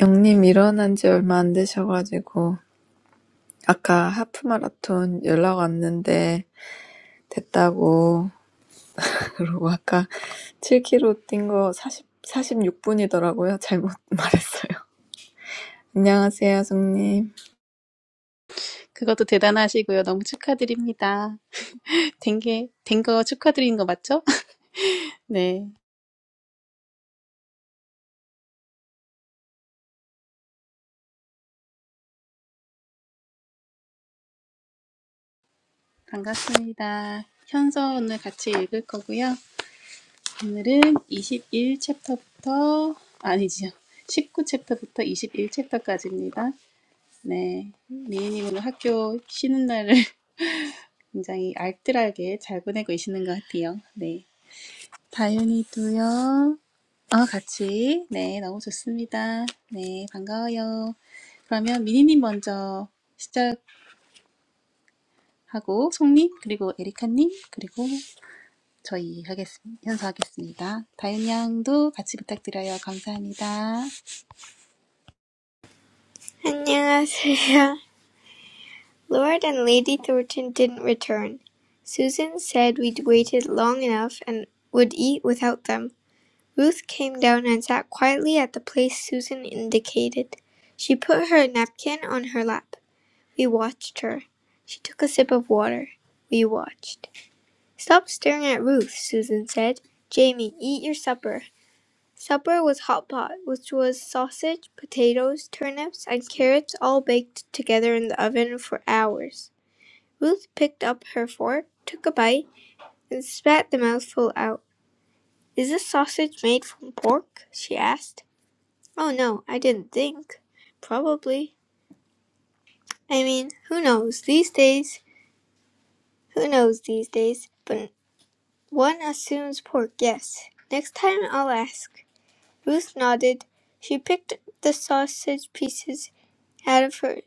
영님 일어난 지 얼마 안 되셔가지고 아까 하프마라톤 연락 왔는데 됐다고 그러고 아까 7km 뛴거 40, 46분이더라고요. 잘못 말했어요. 안녕하세요, 송님. 그것도 대단하시고요. 너무 축하드립니다. 된 게, 된거 축하드리는 거 맞죠? 네, 반갑습니다. 현서 오늘 같이 읽을 거고요. 오늘은 21 챕터부터, 아니지요. 19 챕터부터 21 챕터까지입니다. 네, 미애님 오늘 학교 쉬는 날을 굉장히 알뜰하게 잘 보내고 계시는 것 같아요. 네. 다윤이도요. 아, 같이. 네, 너무 좋습니다. 네, 반가워요. 그러면 미니님 먼저 시작하고, 송님, 그리고 에리카님, 그리고 저희 하겠습니다. 현수하겠습니다. 다윤 양도 같이 부탁드려요. 감사합니다. 안녕하세요. Lord and Lady Thornton didn't return. Susan said we'd waited long enough and would eat without them. Ruth came down and sat quietly at the place Susan indicated. She put her napkin on her lap. We watched her. She took a sip of water. We watched. Stop staring at Ruth, Susan said. Jamie, eat your supper. Supper was hot pot, which was sausage, potatoes, turnips, and carrots all baked together in the oven for hours. Ruth picked up her fork, took a bite, and spat the mouthful out. Is this sausage made from pork? she asked. Oh no, I didn't think. Probably. I mean, who knows these days? Who knows these days? But One assumes poor guess. Next time I'll ask. Ruth nodded. She picked the sausage pieces out of her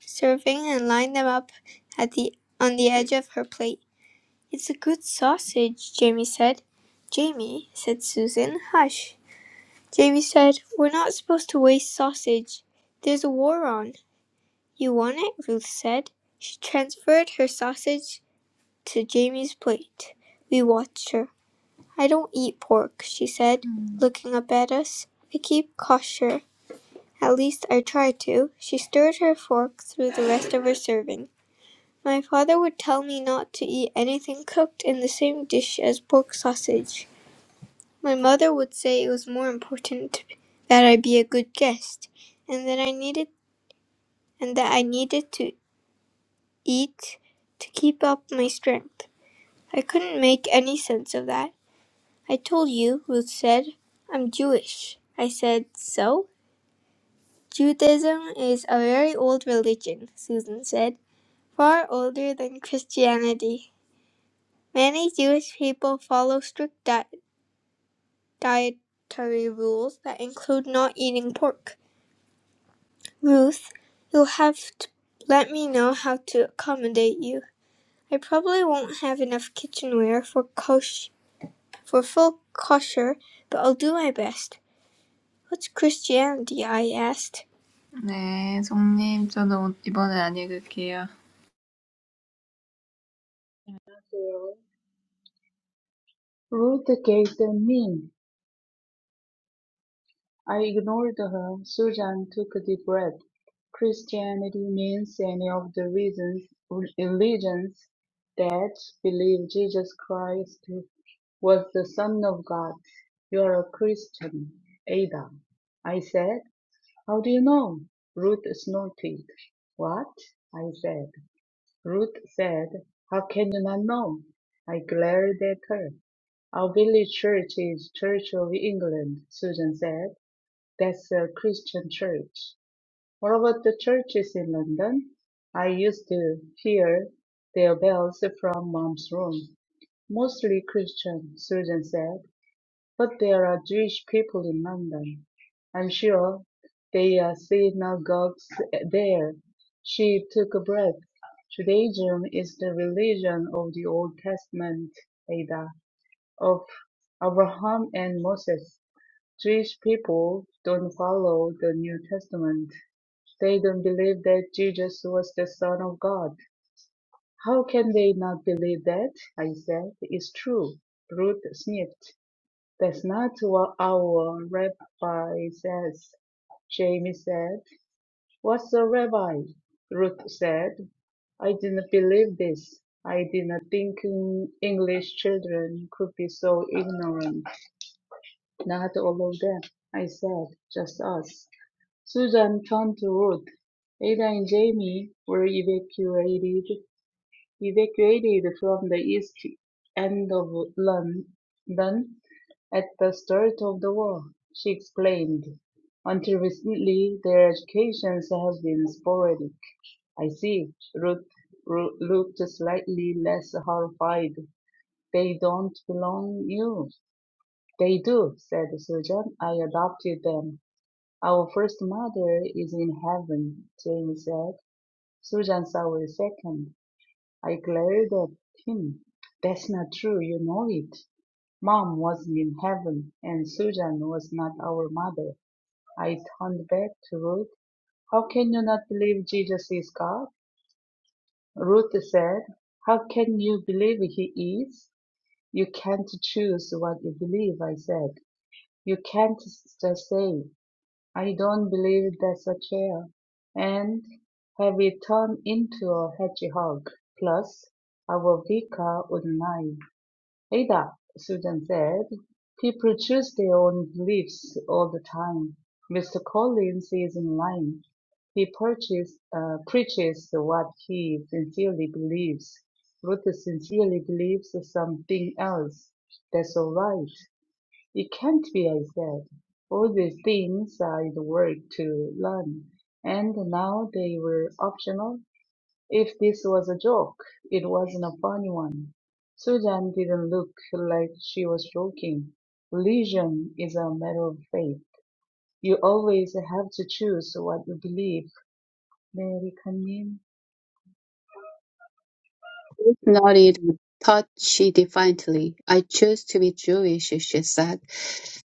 serving and lined them up at the on the edge of her plate. It's a good sausage, Jamie said. Jamie, said Susan, hush. Jamie said, We're not supposed to waste sausage. There's a war on. You want it? Ruth said. She transferred her sausage to Jamie's plate. We watched her. I don't eat pork, she said, mm. looking up at us. I keep kosher. At least I try to. She stirred her fork through the rest of her serving. My father would tell me not to eat anything cooked in the same dish as pork sausage. My mother would say it was more important that I be a good guest, and that I needed and that I needed to eat to keep up my strength. I couldn't make any sense of that. I told you, Ruth said. I'm Jewish. I said, So? Judaism is a very old religion, Susan said, far older than Christianity. Many Jewish people follow strict di- dietary rules that include not eating pork. Ruth, you'll have to let me know how to accommodate you. I probably won't have enough kitchenware for kosh- for full kosher, but I'll do my best. What's Christianity? I asked. 네, 송님, 저도 이번엔 안 읽을게요. Ruth gave the mean. I ignored her. Susan took a deep breath. Christianity means any of the reasons, religions that believe Jesus Christ was the Son of God. You are a Christian, Ada. I said. How do you know? Ruth snorted. What? I said. Ruth said, How can you not know? I glared at her. Our village church is Church of England, Susan said. That's a Christian church. What about the churches in London? I used to hear their bells from mom's room. Mostly Christian, Susan said. But there are Jewish people in London. I'm sure they are synagogues uh, there. She took a breath. Judaism is the religion of the Old Testament, Ada, of Abraham and Moses. Jewish people don't follow the New Testament. They don't believe that Jesus was the Son of God. How can they not believe that? I said. It's true. Ruth sniffed. "That's not what our rabbi says," Jamie said. "What's a rabbi?" Ruth said. I didn't believe this. I didn't think mm, English children could be so ignorant. Not all of them, I said, just us. Susan turned to Ruth. Ada and Jamie were evacuated Evacuated from the east end of London at the start of the war, she explained, until recently their educations have been sporadic. I see. Ruth looked slightly less horrified. They don't belong you. They do, said Susan. I adopted them. Our first mother is in heaven, Jane said. Susan saw a second. I glared at him. That's not true. You know it. Mom wasn't in heaven, and Susan was not our mother. I turned back to Ruth. How can you not believe Jesus is God? Ruth said, How can you believe he is? You can't choose what you believe, I said. You can't just say, I don't believe that's a chair, and have it turned into a hedgehog. Plus, our vicar would lie. Ada, Susan said, People choose their own beliefs all the time. Mr. Collins is in line. He purchase, uh, preaches what he sincerely believes. Ruth sincerely believes something else. That's all right. It can't be, I said. All these things I worked to learn, and now they were optional. If this was a joke, it wasn't a funny one. Susan didn't look like she was joking. Religion is a matter of faith. You always have to choose what you believe. Mary come in. Ruth nodded and touched defiantly. "I choose to be Jewish," she said.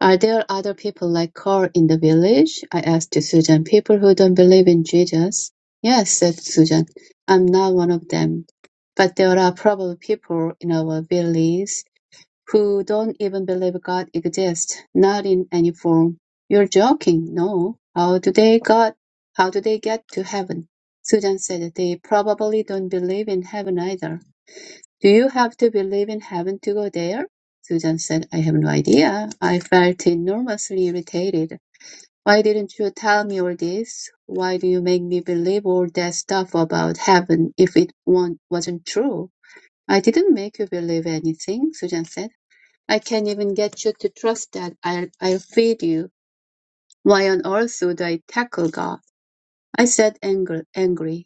"Are there other people like Carl in the village?" I asked Susan. "People who don't believe in Jesus?" "Yes," said Susan. "I'm not one of them. But there are probably people in our village who don't even believe God exists, not in any form." "You're joking." "No. How do they got how do they get to heaven?" Susan said, "They probably don't believe in heaven either. "Do you have to believe in heaven to go there?" Susan said. "I have no idea." I felt enormously irritated. "Why didn't you tell me all this? Why do you make me believe all that stuff about heaven if it wa- wasn't true?" "I didn't make you believe anything," Susan said. "I can't even get you to trust that I'll, I'll feed you. Why on earth would I tackle God?" I said angry, angry.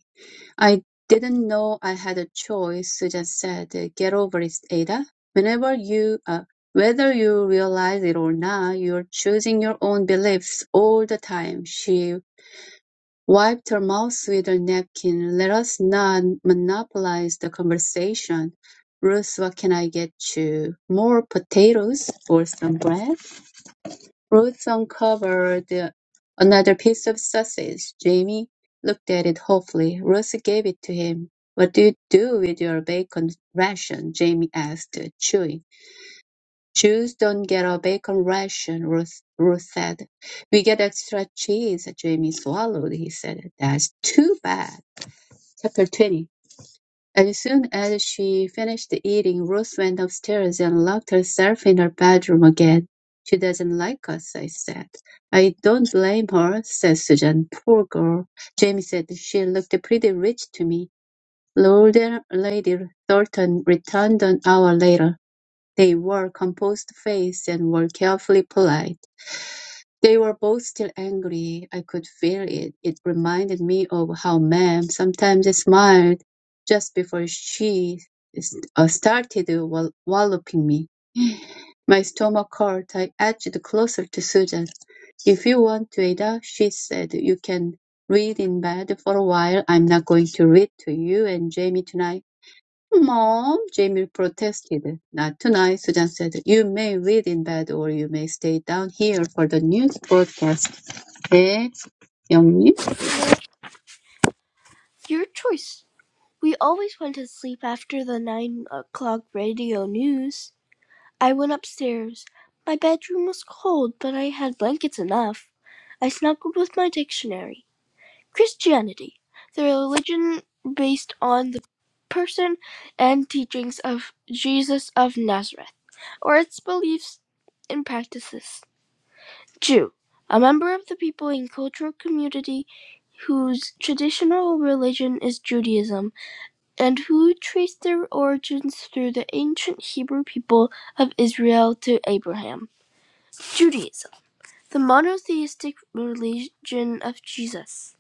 I didn't know I had a choice, Susan said. uh, Get over it, Ada. Whenever you, uh, whether you realize it or not, you're choosing your own beliefs all the time. She wiped her mouth with her napkin. Let us not monopolize the conversation. Ruth, what can I get you? More potatoes or some bread? Ruth uncovered another piece of sausage. Jamie looked at it hopefully. Ruth gave it to him. "What do you do with your bacon ration?" Jamie asked, chewing. "Jews don't get a bacon ration," Ruth, Ruth said. "We get extra cheese." Jamie swallowed. He said, "That's too bad." Chapter 20 as soon as she finished eating, Ruth went upstairs and locked herself in her bedroom again. She doesn't like us, I said. I don't blame her, said Susan. Poor girl. Jamie said she looked pretty rich to me. Lord and Lady Thornton returned an hour later. They wore composed faces and were carefully polite. They were both still angry. I could feel it. It reminded me of how Ma'am sometimes smiled just before she s- uh, started uh, wall- walloping me. My stomach hurt. I edged closer to Susan. If you want to, Ada, she said, you can read in bed for a while. I'm not going to read to you and Jamie tonight. Mom, Jamie protested. Not tonight, Susan said. You may read in bed or you may stay down here for the news broadcast. 네, 영님. Your choice. We always went to sleep after the nine o'clock radio news. I went upstairs. My bedroom was cold, but I had blankets enough. I snuggled with my dictionary. Christianity, the religion based on the person and teachings of Jesus of Nazareth, or its beliefs and practices. Jew, a member of the people and cultural community whose traditional religion is Judaism and who trace their origins through the ancient Hebrew people of Israel to Abraham. Judaism the monotheistic religion of Jesus.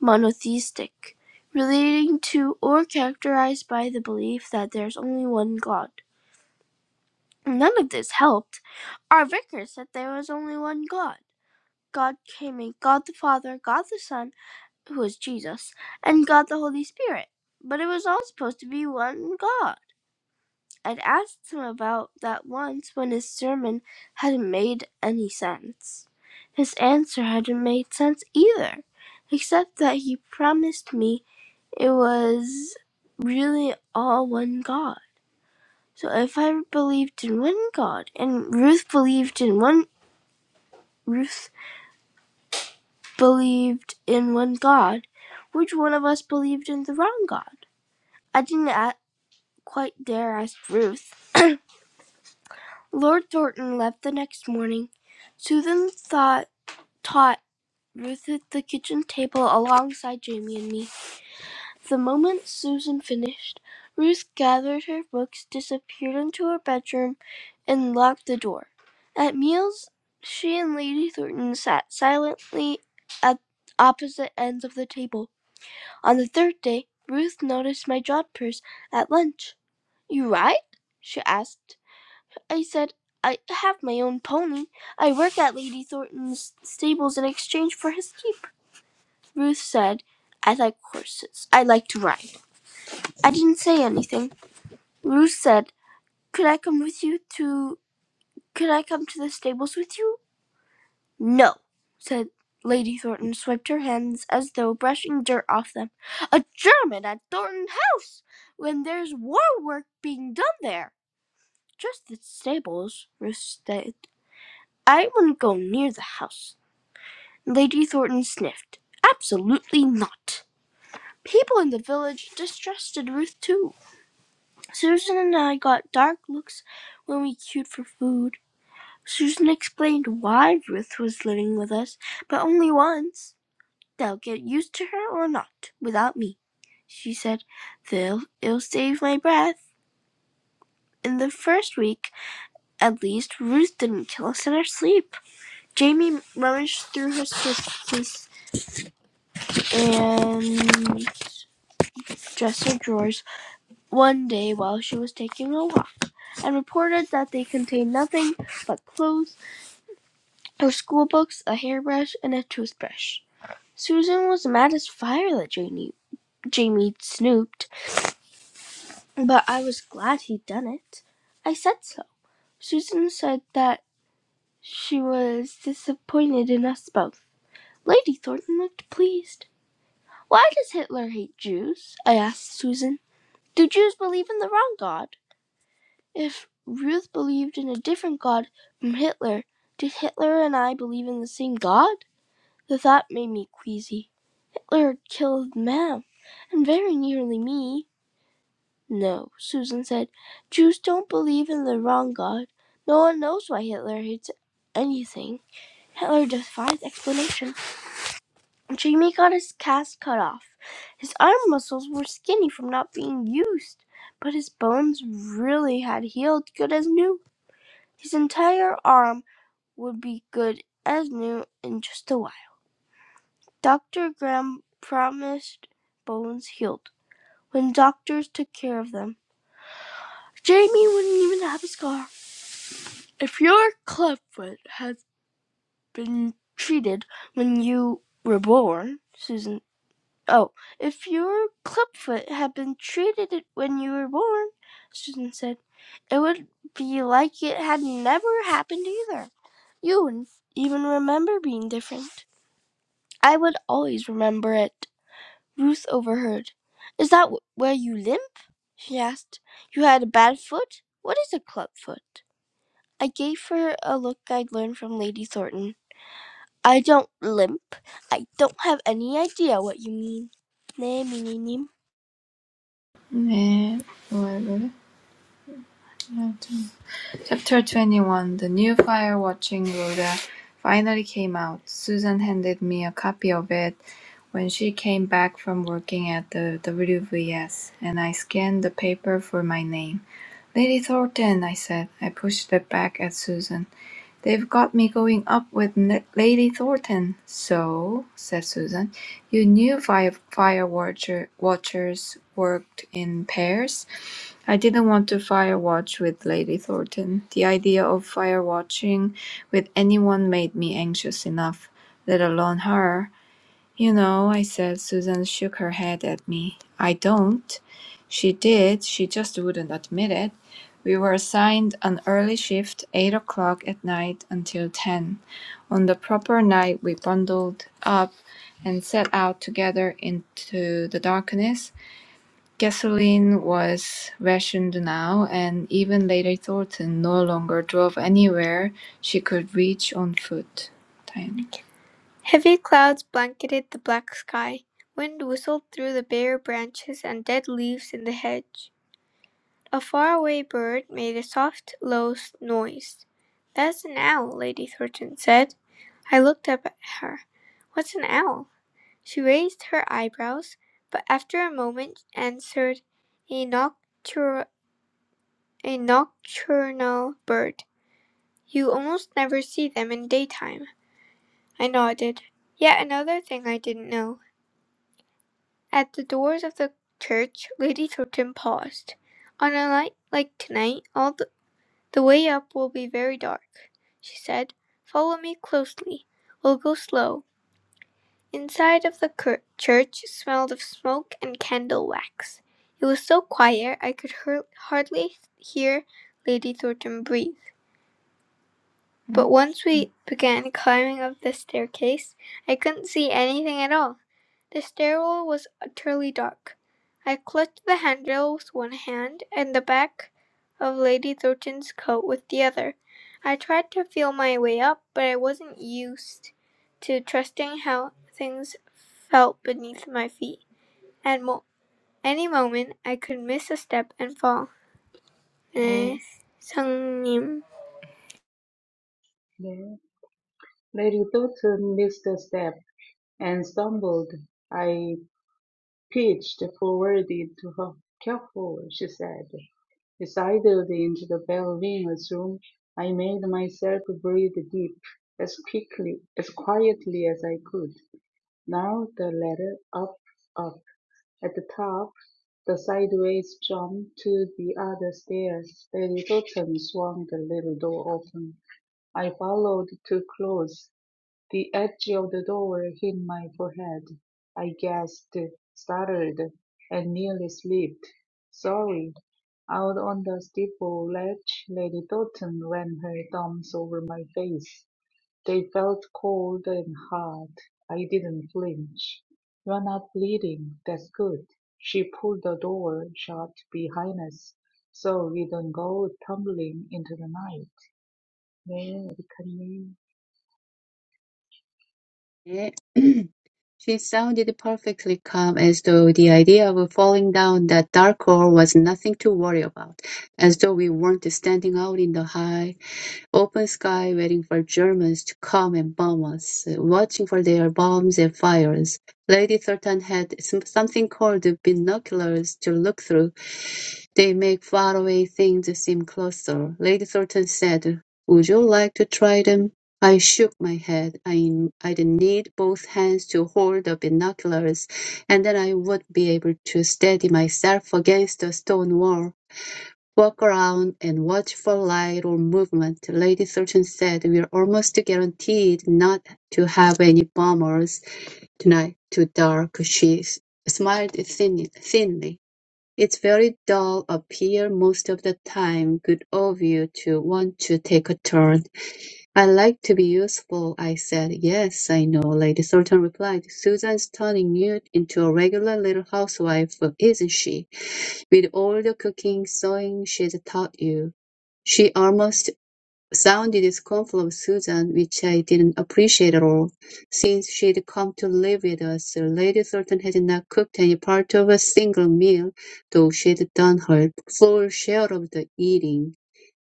Monotheistic. Relating to or characterized by the belief that there's only one God. None of this helped. Our vicar said there was only one God. God came in God the Father, God the Son, who was Jesus, and God the Holy Spirit. But it was all supposed to be one God. I'd asked him about that once when his sermon hadn't made any sense. His answer hadn't made sense either, except that he promised me it was really all one God. So if I believed in one God and Ruth believed in one Ruth believed in one God, which one of us believed in the wrong God? I didn't quite dare ask Ruth Lord Thornton left the next morning. Susan thought, taught Ruth at the kitchen table alongside Jamie and me. The moment Susan finished, Ruth gathered her books, disappeared into her bedroom, and locked the door. At meals, she and Lady Thornton sat silently at opposite ends of the table. On the third day, Ruth noticed my jot purse at lunch. You right? she asked. I said, I have my own pony. I work at Lady Thornton's stables in exchange for his keep. Ruth said, I like horses. I like to ride. I didn't say anything. Ruth said, Could I come with you to. Could I come to the stables with you? No, said Lady Thornton, swiped her hands as though brushing dirt off them. A German at Thornton House when there's war work being done there. Just the stables, Ruth said. I wouldn't go near the house. Lady Thornton sniffed. Absolutely not. People in the village distrusted Ruth too. Susan and I got dark looks when we queued for food. Susan explained why Ruth was living with us, but only once. They'll get used to her or not, without me, she said. They'll it'll save my breath. In the first week, at least, Ruth didn't kill us in our sleep. Jamie rummaged through her suitcase and dresser drawers one day while she was taking a walk and reported that they contained nothing but clothes, her school books, a hairbrush, and a toothbrush. Susan was mad as fire that Jamie, Jamie snooped, but I was glad he'd done it. I said so. Susan said that she was disappointed in us both. Lady Thornton looked pleased. Why does Hitler hate Jews? I asked Susan. Do Jews believe in the wrong God? If Ruth believed in a different God from Hitler, did Hitler and I believe in the same God? The thought made me queasy. Hitler had killed Mem, and very nearly me. No, Susan said. Jews don't believe in the wrong God. No one knows why Hitler hates anything. Hitler defies explanation. Jamie got his cast cut off. His arm muscles were skinny from not being used, but his bones really had healed good as new. His entire arm would be good as new in just a while. Doctor Graham promised Bones healed when doctors took care of them. Jamie wouldn't even have a scar. If your clubfoot has been treated when you were born, Susan. Oh, if your clubfoot had been treated when you were born, Susan said, it would be like it had never happened either. You wouldn't even remember being different. I would always remember it. Ruth overheard. Is that wh- where you limp? she asked. You had a bad foot? What is a club foot? I gave her a look I'd learned from Lady Thornton. I don't limp. I don't have any idea what you mean. Nay, me, nee, nee. 네, 뭐야, 이거를? 네. Chapter 21 The new fire watching Rhoda finally came out. Susan handed me a copy of it when she came back from working at the WVS, and I scanned the paper for my name. Lady Thornton, I said. I pushed it back at Susan. They've got me going up with N- Lady Thornton. So, said Susan, you knew fire, fire watcher, watchers worked in pairs? I didn't want to fire watch with Lady Thornton. The idea of fire watching with anyone made me anxious enough, let alone her. You know, I said, Susan shook her head at me. I don't. She did, she just wouldn't admit it. We were assigned an early shift, 8 o'clock at night until 10. On the proper night, we bundled up and set out together into the darkness. Gasoline was rationed now, and even Lady Thornton no longer drove anywhere she could reach on foot. Heavy clouds blanketed the black sky. Wind whistled through the bare branches and dead leaves in the hedge. A faraway bird made a soft, low noise. That's an owl, Lady Thornton said. I looked up at her. What's an owl? She raised her eyebrows, but after a moment answered, a, noctur- a nocturnal bird. You almost never see them in daytime. I nodded. Yet another thing I didn't know. At the doors of the church Lady Chiltern paused. On a night like tonight, all the, the way up will be very dark, she said. Follow me closely. We'll go slow. Inside of the cur- church smelled of smoke and candle wax. It was so quiet I could hur- hardly hear Lady Thornton breathe. But once we began climbing up the staircase, I couldn't see anything at all. The stairwell was utterly dark. I clutched the handrail with one hand and the back of Lady Thornton's coat with the other. I tried to feel my way up, but I wasn't used to trusting how things felt beneath my feet. At mo- any moment, I could miss a step and fall. 네, 성님. Yeah. Lady Thornton missed a step and stumbled. I pitched forward to her. Careful, she said. Decided into the back room, I made myself breathe deep, as quickly, as quietly as I could. Now the ladder, up, up. At the top, the sideways jump to the other stairs. Lady Doughton swung the little door open. I followed too close. The edge of the door hit my forehead. I gasped, stuttered, and nearly slipped. Sorry. Out on the steeple ledge, Lady Doughton ran her thumbs over my face. They felt cold and hard. I didn't flinch. You're not bleeding. That's good. She pulled the door shut behind us so we don't go tumbling into the night. 네, 에리카님. 네. She sounded perfectly calm as though the idea of falling down that dark hole was nothing to worry about, as though we weren't standing out in the high Open sky waiting for Germans to come and bomb us, watching for their bombs and fires. Lady Thornton had some- something called binoculars to look through. They make faraway things seem closer. Lady Thornton said, Would you like to try them? I shook my head. I, I'd need both hands to hold the binoculars, and then I would be able to steady myself against a stone wall. Walk around and watch for light or movement, Lady Thornton said. We're almost guaranteed not to have any bombers tonight. Too dark, she smiled thin- thinly. It's very dull up here most of the time. Good of you to want to take a turn. I like to be useful, I said. Yes, I know, Lady Thornton replied. Susan's turning you into a regular little housewife, isn't she? with all the cooking, sewing she'd taught you. She almost sounded scornful of Susan, which I didn't appreciate at all. Since she'd come to live with us, Lady Thornton had not cooked any part of a single meal, though she'd done her full share of the eating.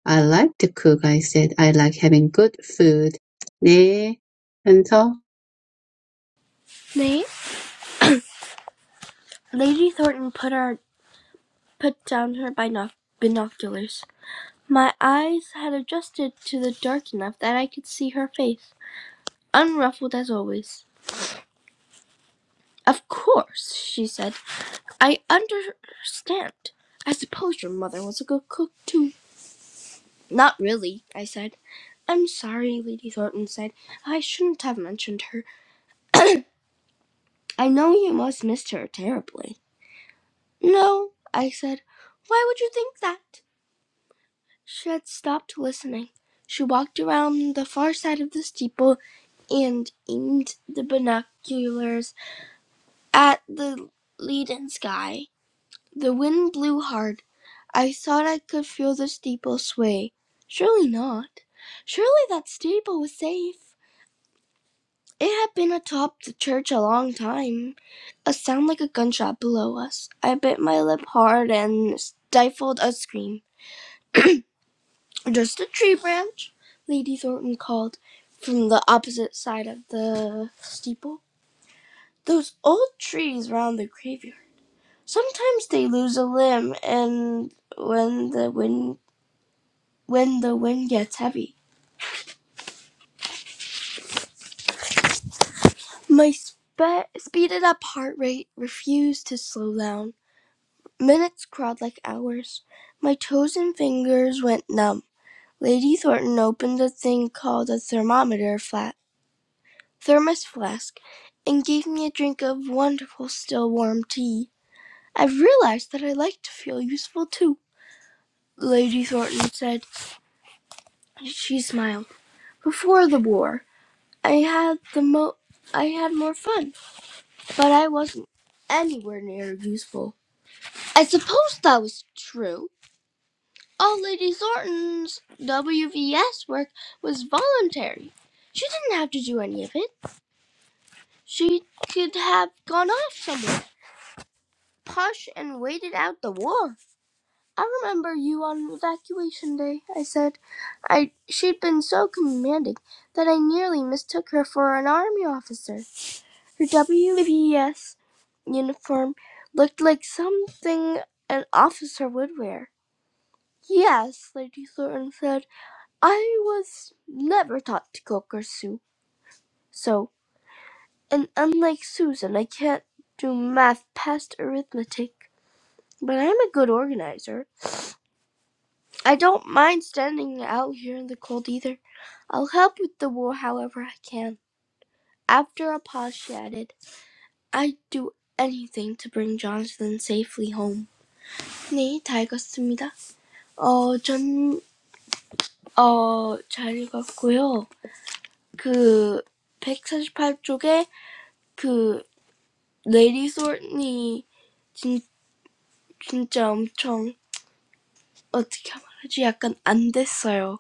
I like to cook, I said. I like having good food. 네. 현서 Nay? Lady Thornton put her put down her binoc- binoculars. My eyes had adjusted to the dark enough that I could see her face, unruffled as always. Of course, she said. I understand. I suppose your mother was a good cook, too. Not really, I said. I'm sorry, Lady Thornton said. I shouldn't have mentioned her. I know you must miss her terribly. No, I said. Why would you think that? She had stopped listening. She walked around the far side of the steeple and aimed the binoculars at the leaden sky. The wind blew hard. I thought I could feel the steeple sway. Surely not. Surely that steeple was safe. It had been atop the church a long time. A sound like a gunshot below us. I bit my lip hard and stifled a scream. Just a tree branch, Lady Thornton called from the opposite side of the steeple. Those old trees round the graveyard. Sometimes they lose a limb, and when the wind when the wind gets heavy. My spe- speeded up heart rate refused to slow down. Minutes crawled like hours. My toes and fingers went numb. Lady Thornton opened a thing called a thermometer flat thermos flask and gave me a drink of wonderful still warm tea. I realized that I like to feel useful too, Lady Thornton said. She smiled. Before the war, I had the mo I had more fun. but I wasn't anywhere near useful. I suppose that was true. All Lady Thornton's WVS work was voluntary. She didn't have to do any of it. She could have gone off somewhere, posh, and waited out the war. I remember you on evacuation day, I said. I she'd been so commanding that I nearly mistook her for an army officer. Her WVS uniform looked like something an officer would wear. Yes, Lady Thornton said. I was never taught to cook or sew, so, and unlike Susan, I can't do math past arithmetic. But I'm a good organizer. I don't mind standing out here in the cold either. I'll help with the wool however I can. After a pause, she added, I'd do anything to bring Jonathan safely home. 네, 다 읽었습니다. 어, 전, 어, 잘 읽었고요. 그, 백사십팔 쪽에 그, 레이디 솔니, 진, 진짜 엄청, 어떻게 말하지? 약간 안 됐어요.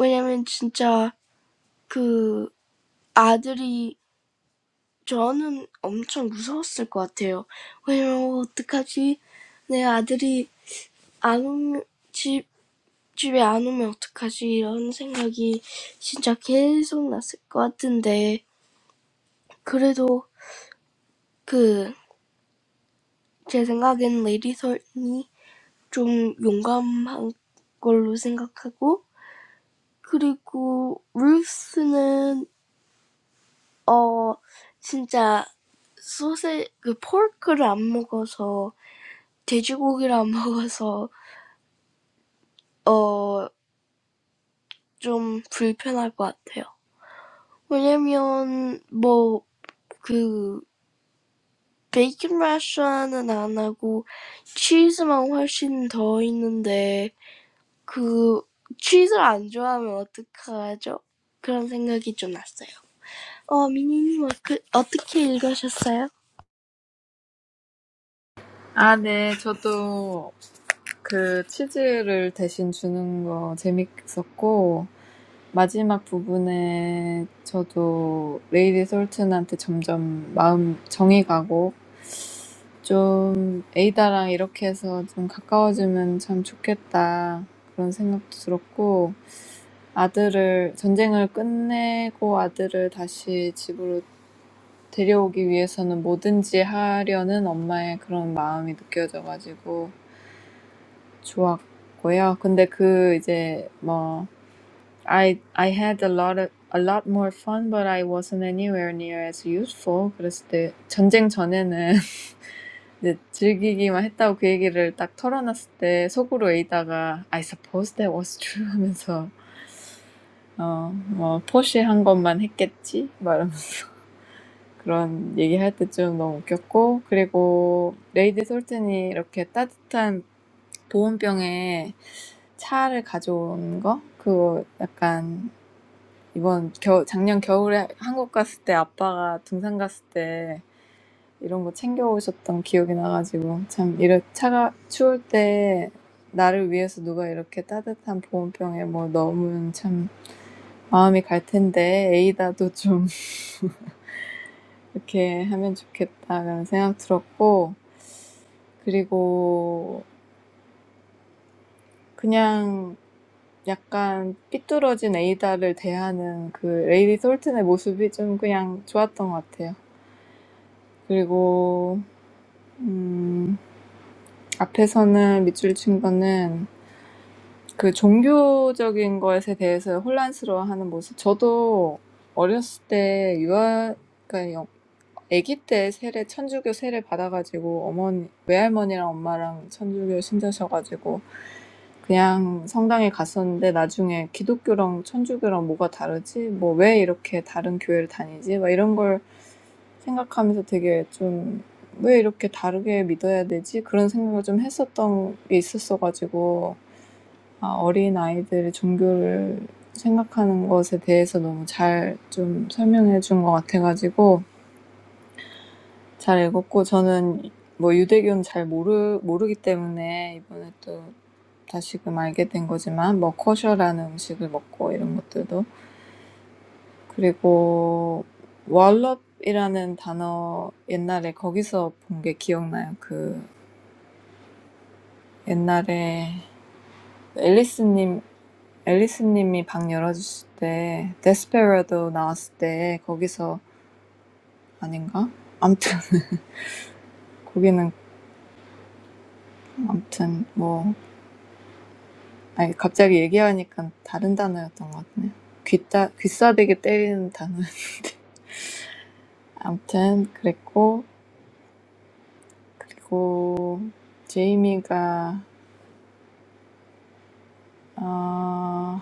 왜냐면 진짜 그 아들이, 저는 엄청 무서웠을 것 같아요. 왜냐면, 어떡하지? 내 아들이 안 오면, 집, 집에 안 오면 어떡하지? 이런 생각이 진짜 계속 났을 것 같은데, 그래도 그, 제 생각엔 레디설이 좀 용감한 걸로 생각하고, 그리고 루스는, 어, 진짜 소세, 그 포크를 안 먹어서, 돼지고기를 안 먹어서, 어, 좀 불편할 것 같아요. 왜냐면, 뭐, 그, Bacon restaurant is not and cheese is much more. But if you don't like cheese, what should you do? That's what I thought. Minnie, how did you read it? Yes. 아, 네, 저도 그 치즈를 대신 주는 거 재밌었고 마지막 부분에 저도 레이디 솔튼한테 점점 마음 정이 가고 좀 에이다랑 이렇게 해서 좀 가까워지면 참 좋겠다 그런 생각도 들었고 아들을 전쟁을 끝내고 아들을 다시 집으로 데려오기 위해서는 뭐든지 하려는 엄마의 그런 마음이 느껴져가지고 좋았고요. 근데 그 이제 뭐 I I had a lot of, a lot more fun but I wasn't anywhere near as useful. 그랬을 때 전쟁 전에는 이제 즐기기만 했다고 그 얘기를 딱 털어놨을 때 속으로 에이다가 I suppose that was true 하면서 어뭐 포시한 것만 했겠지? 막 그런 얘기할 때 좀 너무 웃겼고 그리고 레이디 솔튼이 이렇게 따뜻한 보온병에 차를 가져온 거 그거 약간 이번 겨 작년 겨울에 한국 갔을 때 아빠가 등산 갔을 때 이런 거 챙겨 오셨던 기억이 나가지고 참 이런 차가 추울 때 나를 위해서 누가 이렇게 따뜻한 보온병에 뭐 넣으면 참 마음이 갈 텐데 에이다도 좀 이렇게 하면 좋겠다 그런 생각 들었고 그리고 그냥 약간 삐뚤어진 에이다를 대하는 그 레이디 솔튼의 모습이 좀 그냥 좋았던 것 같아요. 그리고 음, 앞에서는 밑줄 친 거는 그 종교적인 것에 대해서 혼란스러워하는 모습. 저도 어렸을 때 유아, 그러니까 아기 때 세례 천주교 세례 받아가지고 어머니 외할머니랑 엄마랑 천주교 신자셔가지고 그냥 성당에 갔었는데 나중에 기독교랑 천주교랑 뭐가 다르지? 뭐 왜 이렇게 다른 교회를 다니지? 막 이런 걸 생각하면서 되게 좀왜 이렇게 다르게 믿어야 되지? 그런 생각을 좀 했었던 게 있었어가지고 아, 어린 아이들이 종교를 생각하는 것에 대해서 너무 잘좀 설명해 준것 같아가지고 잘 읽었고 저는 뭐 유대교는 잘 모르 모르기 때문에 이번에 또 다시금 알게 된 거지만 뭐 커셔라는 음식을 먹고 이런 것들도 그리고 월럽이라는 단어 옛날에 거기서 본 게 기억나요. 그 옛날에 앨리스님 앨리스님이 방 열어주실 때 데스페라도 나왔을 때 거기서 아닌가? 아무튼 거기는 아무튼 뭐 아니, 갑자기 얘기하니까 다른 단어였던 것 같네요. 귀따, 귀싸대기 때리는 단어. 아무튼, 그랬고, 그리고, 제이미가, 어,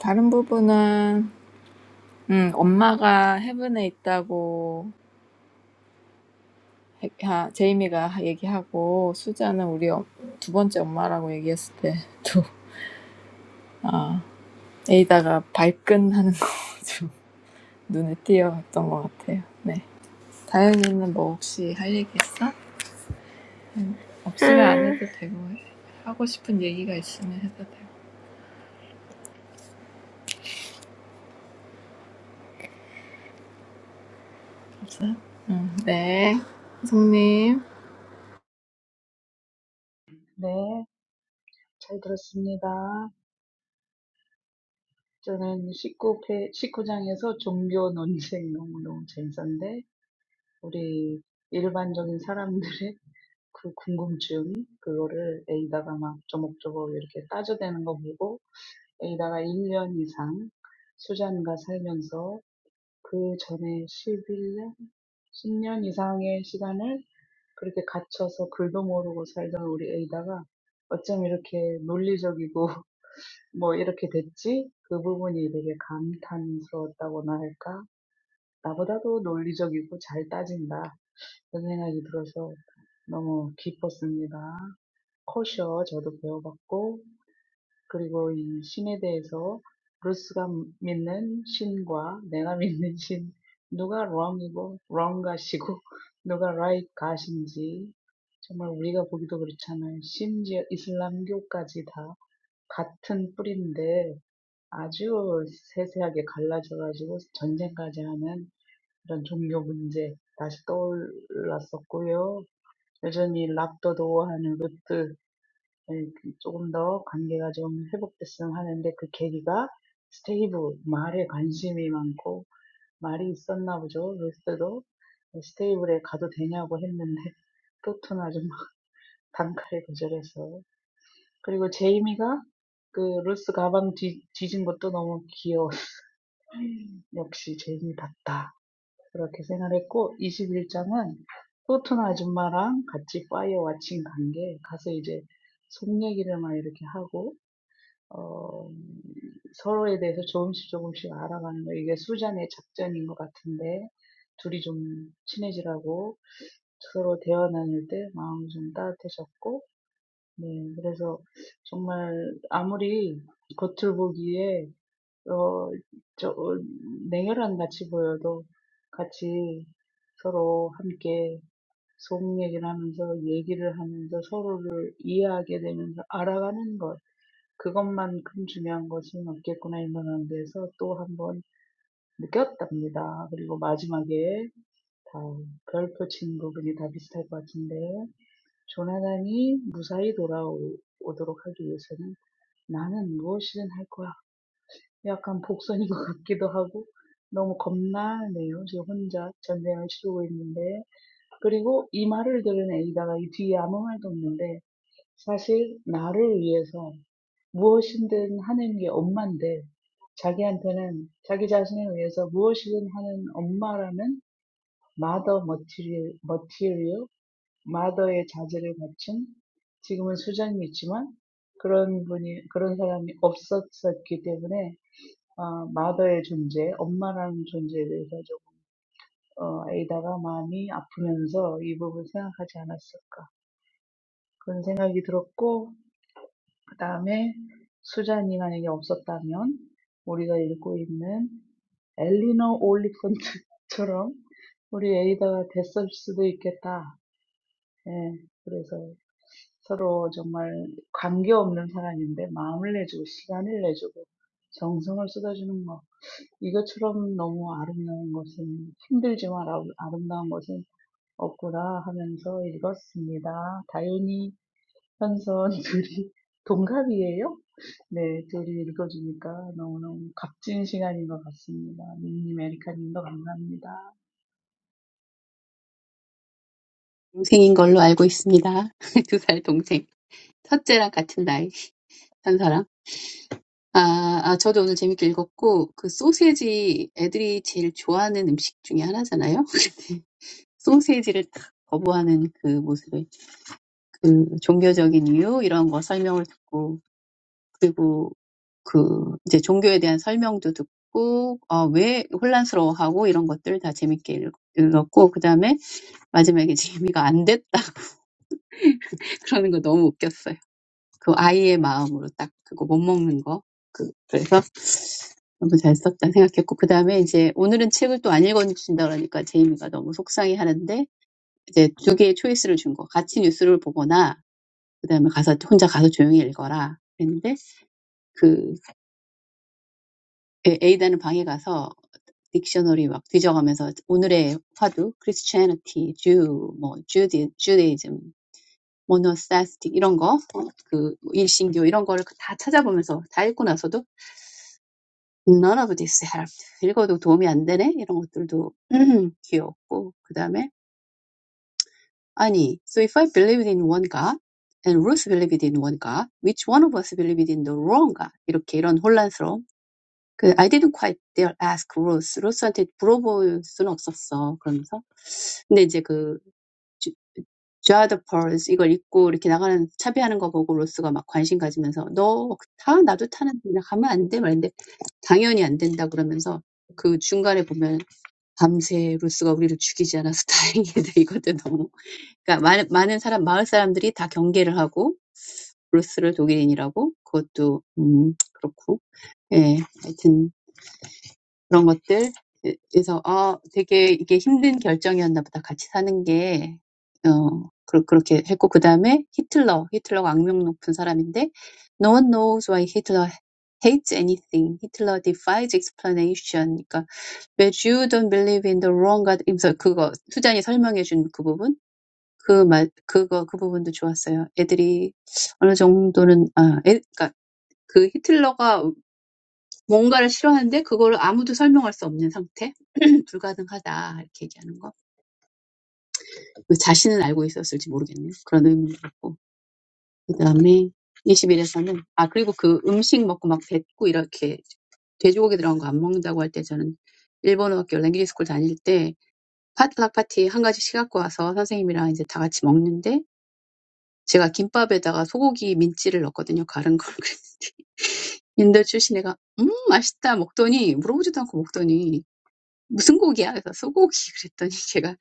다른 부분은, 음, 엄마가 헤븐에 있다고, 하- 제이미가 얘기하고, 수자는 우리 엄- 두 번째 엄마라고 얘기했을 때도 아, 에이다가 발끈하는 거 좀 눈에 띄었던 것 같아요. 네. 다현이는 뭐 혹시 할 얘기 있어? 없으면 안 음. 해도 되고 하고 싶은 얘기가 있으면 해도 되고. 없어요? 음, 네. 성님. 네, 잘 들었습니다. 저는 19회, 19장에서 종교 논쟁 너무너무 재밌었는데, 우리 일반적인 사람들의 그 궁금증, 그거를 에이다가 막 조목조목 이렇게 따져대는 거 보고, 에이다가 일 년 이상 수잔과 살면서 그 전에 십일 년십 년 이상의 시간을 그렇게 갇혀서 글도 모르고 살던 우리 에이다가 어쩜 이렇게 논리적이고 뭐 이렇게 됐지? 그 부분이 되게 감탄스러웠다고나 할까? 나보다도 논리적이고 잘 따진다. 그런 생각이 들어서 너무 기뻤습니다. 코셔 저도 배워봤고, 그리고 이 신에 대해서 브루스가 믿는 신과 내가 믿는 신, 누가 wrong이고 wrong 가시고 누가 right 가신지 정말 우리가 보기도 그렇잖아요. 심지어 이슬람교까지 다 같은 뿌리인데 아주 세세하게 갈라져가지고 전쟁까지 하는 그런 종교 문제 다시 떠올랐었고요. 여전히 랍더도 하는 루트 조금 더 관계가 좀 회복됐으면 하는데 그 계기가 스테이블 말에 관심이 많고 말이 있었나 보죠. 루스도 스테이블에 가도 되냐고 했는데 또토나 좀 단칼에 거절해서 그리고 제이미가 그 루스 가방 뒤, 뒤진 것도 너무 역시 쟁이 그렇게 생각했고 21장은 토트나 아줌마랑 같이 파이어 와칭 간게 가서 이제 속 얘기를 막 이렇게 하고 어, 서로에 대해서 조금씩 조금씩 알아가는 거 이게 수잔의 작전인 것 같은데 둘이 좀 친해지라고 서로 대화 나눌 때 마음이 좀 따뜻해졌고 네 그래서 정말 아무리 겉을 보기에 어, 저, 어, 냉혈한 같이 보여도 같이 서로 함께 속 얘기를 하면서 얘기를 하면서 서로를 이해하게 되면서 알아가는 것. 그것만큼 중요한 것은 없겠구나 이런 데서 또 한번 느꼈답니다. 그리고 마지막에 다 별표 친 부분이 다 비슷할 것 같은데, 조나단이 무사히 돌아오도록 하기 위해서는 나는 무엇이든 할 거야. 약간 복선인 것 같기도 하고 너무 겁나네요. 지금 혼자 전쟁을 치르고 있는데 그리고 이 말을 들은 에이다가 이 뒤에 아무 말도 없는데 사실 나를 위해서 무엇이든 하는 게 엄마인데 자기한테는 자기 자신을 위해서 무엇이든 하는 엄마라는 mother material, material, mother의 자질을 갖춘 지금은 수장이지만 그런 분이 그런 사람이 없었었기 때문에 Mother's existence, mom's existence, about Ada's heart aching. I didn't think about that. That thought came to me. Then, if Susan wasn't there, we'd be like Eleanor Oliphant, and Ada would have been. So, two people who have no connection give each other their time, their attention, their love. 이것처럼 너무 아름다운 것은 힘들지만 아름다운 것은 없구나 하면서 읽었습니다. 다윤이, 현선 둘이 동갑이에요? 네, 둘이 읽어주니까 너무너무 값진 시간인 것 같습니다. 민님, 에리카님도 감사합니다. 동생인 걸로 알고 있습니다. 두 살 동생. 첫째랑 같은 나이. 현서랑. 아, 아, 저도 오늘 재밌게 읽었고, 그 소세지 애들이 제일 좋아하는 음식 중에 하나잖아요? 소세지를 딱 거부하는 그 모습에, 그 종교적인 이유, 이런 거 설명을 듣고, 그리고 그 이제 종교에 대한 설명도 듣고, 아, 왜 혼란스러워하고 이런 것들 다 재밌게 읽- 읽었고, 그 다음에 마지막에 재미가 안 됐다. 그러는 거 너무 웃겼어요. 그 아이의 마음으로 딱 그거 못 먹는 거. 그, 그래서 너무 잘 썼다 생각했고 그 다음에 이제 오늘은 책을 또 안 읽어주신다 그러니까 제이미가 너무 속상해하는데 이제 두 개의 초이스를 준 거. 같이 뉴스를 보거나 그 다음에 가서 혼자 가서 조용히 읽어라. 했는데 그 에- 이다는 방에 가서 딕셔너리 막 뒤져가면서 오늘의 화두 크리스 t y j 티 w 뭐 주디, 주데이즘, 모노 t 스틱 이런 거, 어, 그 일신교 이런 거를 다 찾아보면서 다 읽고 나서도 None of this helped. 읽어도 도움이 안 되네? 이런 것들도 귀엽고. 그 다음에, 아니, so if I believed in one God, and Ruth believed in one God, which one of us believed in the wrong God? 이렇게 이런 혼란스러움. 그, I didn't quite dare ask Ruth. Ruth한테 물어볼 수는 없었어. 그러면서. 근데 이제 그, j o the Pearls 이걸 입고 이렇게 나가는, 차비하는 거 보고 로스가 막 관심 가지면서, 너 타? 나도 타는데, 나 가면 안 돼? 말인데, 당연히 안 된다 그러면서 그 중간에 보면 밤새 루스가 우리를 죽이지 않아서 다행이다. 이것도 너무. 그러니까 많은, 많은 사람, 마을 사람들이 다 경계를 하고, 루스를 독일인이라고, 그것도, 음, 그렇고. 예, 하여튼, 그런 것들. 에- 그래서, 아, 되게 이게 힘든 결정이었나 보다. 같이 사는 게, 어, 그 그렇게 했고, 그 다음에 히틀러. 히틀러가 악명 높은 사람인데, No one knows why Hitler hates anything. Hitler defies explanation. 그러니까 But you don't believe in the wrong God himself. 그거 수잔이 설명해 준 그 부분? 그 말, 그거 그 부분도 좋았어요. 애들이 어느 정도는 아, 애, 그러니까 그 히틀러가 뭔가를 싫어하는데 그걸 아무도 설명할 수 없는 상태? 불가능하다 이렇게 얘기하는 거. 그 자신은 알고 있었을지 모르겠네요. 그런 의미도 있고. 그다음에 21에서는 아 그리고 그 음식 먹고 막 뱉고 이렇게 돼지고기 들어간 거 안 먹는다고 할 때 저는 일본어학교 랭귀지 스쿨 다닐 때 파스타 파티 한 가지씩 갖고 와서 선생님이랑 이제 다 같이 먹는데 제가 김밥에다가 소고기 민지를 넣었거든요. 갈은 걸. 인도 출신 애가 음 맛있다 먹더니 물어보지도 않고 먹더니 무슨 고기야? 그래서 소고기 그랬더니 걔가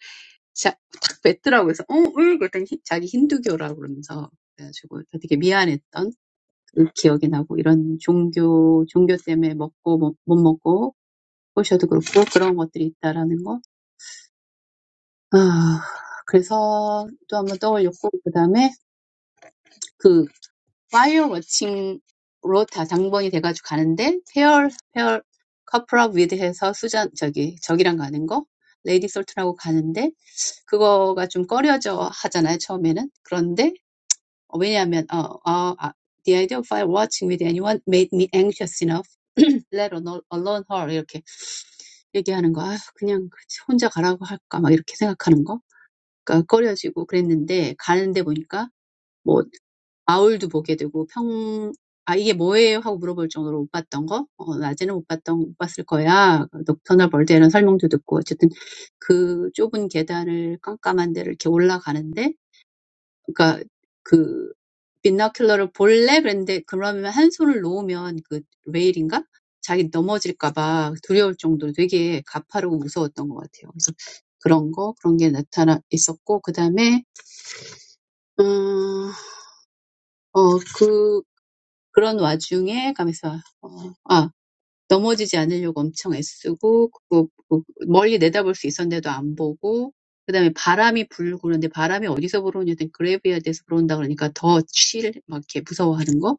진짜 탁 뱉더라고 그래서 어? 응? 그랬더니 히- 자기 힌두교라고 그러면서 그래가지고 되게 미안했던 그 기억이 나고 이런 종교 종교 때문에 먹고 못, 못 먹고 포셔도 그렇고 그런 것들이 있다라는 거. 아 그래서 또 한번 떠올렸고 그다음에 그 While watching 로타 장본이 돼가지고 가는데 pair pair couple up with 해서 수잔 저기 저기랑 가는 거 레이디 솔트라고 가는데 그거가 좀 꺼려져 하잖아요 처음에는 그런데 어, 왜냐하면 어, 어, 아, the idea of I watching with anyone made me anxious enough let alone alone her 이렇게 얘기하는 거아 그냥 혼자 가라고 할까 막 이렇게 생각하는 거 그러니까 꺼려지고 그랬는데 가는데 보니까 뭐 아울도 보게 되고 평, 아, 이게 뭐예요? 하고 물어볼 정도로 못 봤던 거? 어, 낮에는 못 봤던, 못 봤을 거야. 녹터널 벌드 이런 설명도 듣고, 어쨌든 그 좁은 계단을 깜깜한 데를 이렇게 올라가는데, 그니까 그, 빈너큘러를 볼래? 그랬는데, 그러면 한 손을 놓으면 그 레일인가? 자기 넘어질까봐 두려울 정도로 되게 가파르고 무서웠던 것 같아요. 그래서 그런 거, 그런 게 나타나 있었고, 그 다음에, 음, 어, 그 그런 와중에 가면서 어, 아 넘어지지 않으려고 엄청 애쓰고 그거 그 멀리 내다볼 수 있었는데도 안 보고 그다음에 바람이 불고 그런데 바람이 어디서 불어오냐 했 그레이브야드에서 불어온다 그러니까 더 칠, 막 이렇게 무서워하는 거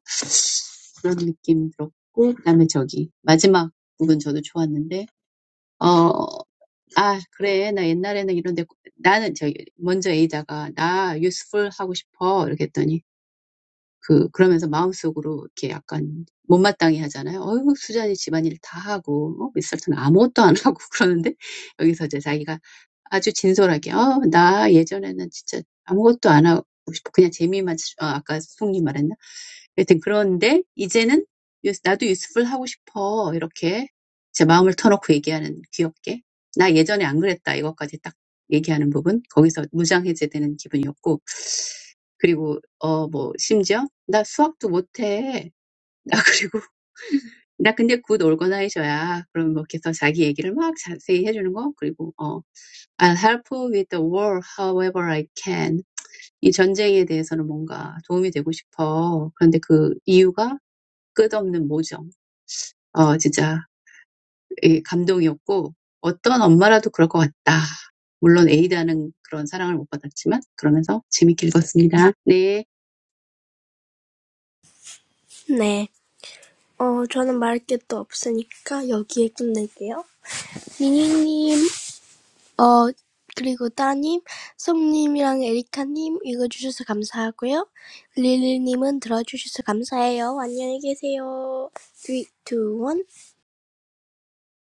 그런 느낌 들었고 그다음에 저기 마지막 부분 저도 좋았는데 어 아 그래 나 옛날에는 이런데 나는 저기 먼저 에이다가 나 useful 하고 싶어 이렇게 했더니 그 그러면서 마음속으로 이렇게 약간 못마땅해 하잖아요. 어유 수잔이 집안일 다 하고 어, 미스터는 아무것도 안 하고 그러는데 여기서 이제 자기가 아주 진솔하게 어, 나 예전에는 진짜 아무것도 안 하고 싶어. 그냥 재미만 치- 아, 아까 송님 말했나? 여튼 그런데 이제는 유- 나도 유스풀 하고 싶어. 이렇게 제 마음을 터놓고 얘기하는 귀엽게 나 예전에 안 그랬다. 이것까지 딱 얘기하는 부분 거기서 무장해제되는 기분이었고 그리고 어뭐 심지어 나 수학도 못해. 나 그리고 나 근데 굿 올거나이저야. 그럼 뭐 이렇게 해서 자기 얘기를 막 자세히 해주는 거 그리고 어, I'll help with the war however I can. 이 전쟁에 대해서는 뭔가 도움이 되고 싶어. 그런데 그 이유가 끝없는 모정. 어, 진짜 예, 감동이었고 어떤 엄마라도 그럴 것 같다. 물론 A다는 그런 사랑을 못 받았지만 그러면서 재밌게 읽었습니다. 네. I have nothing more to say, so I'll end here. Minnie, and Da, Sung, and Erica, thank you for reading. Lil, thank you for listening. Goodbye. Three, two, one.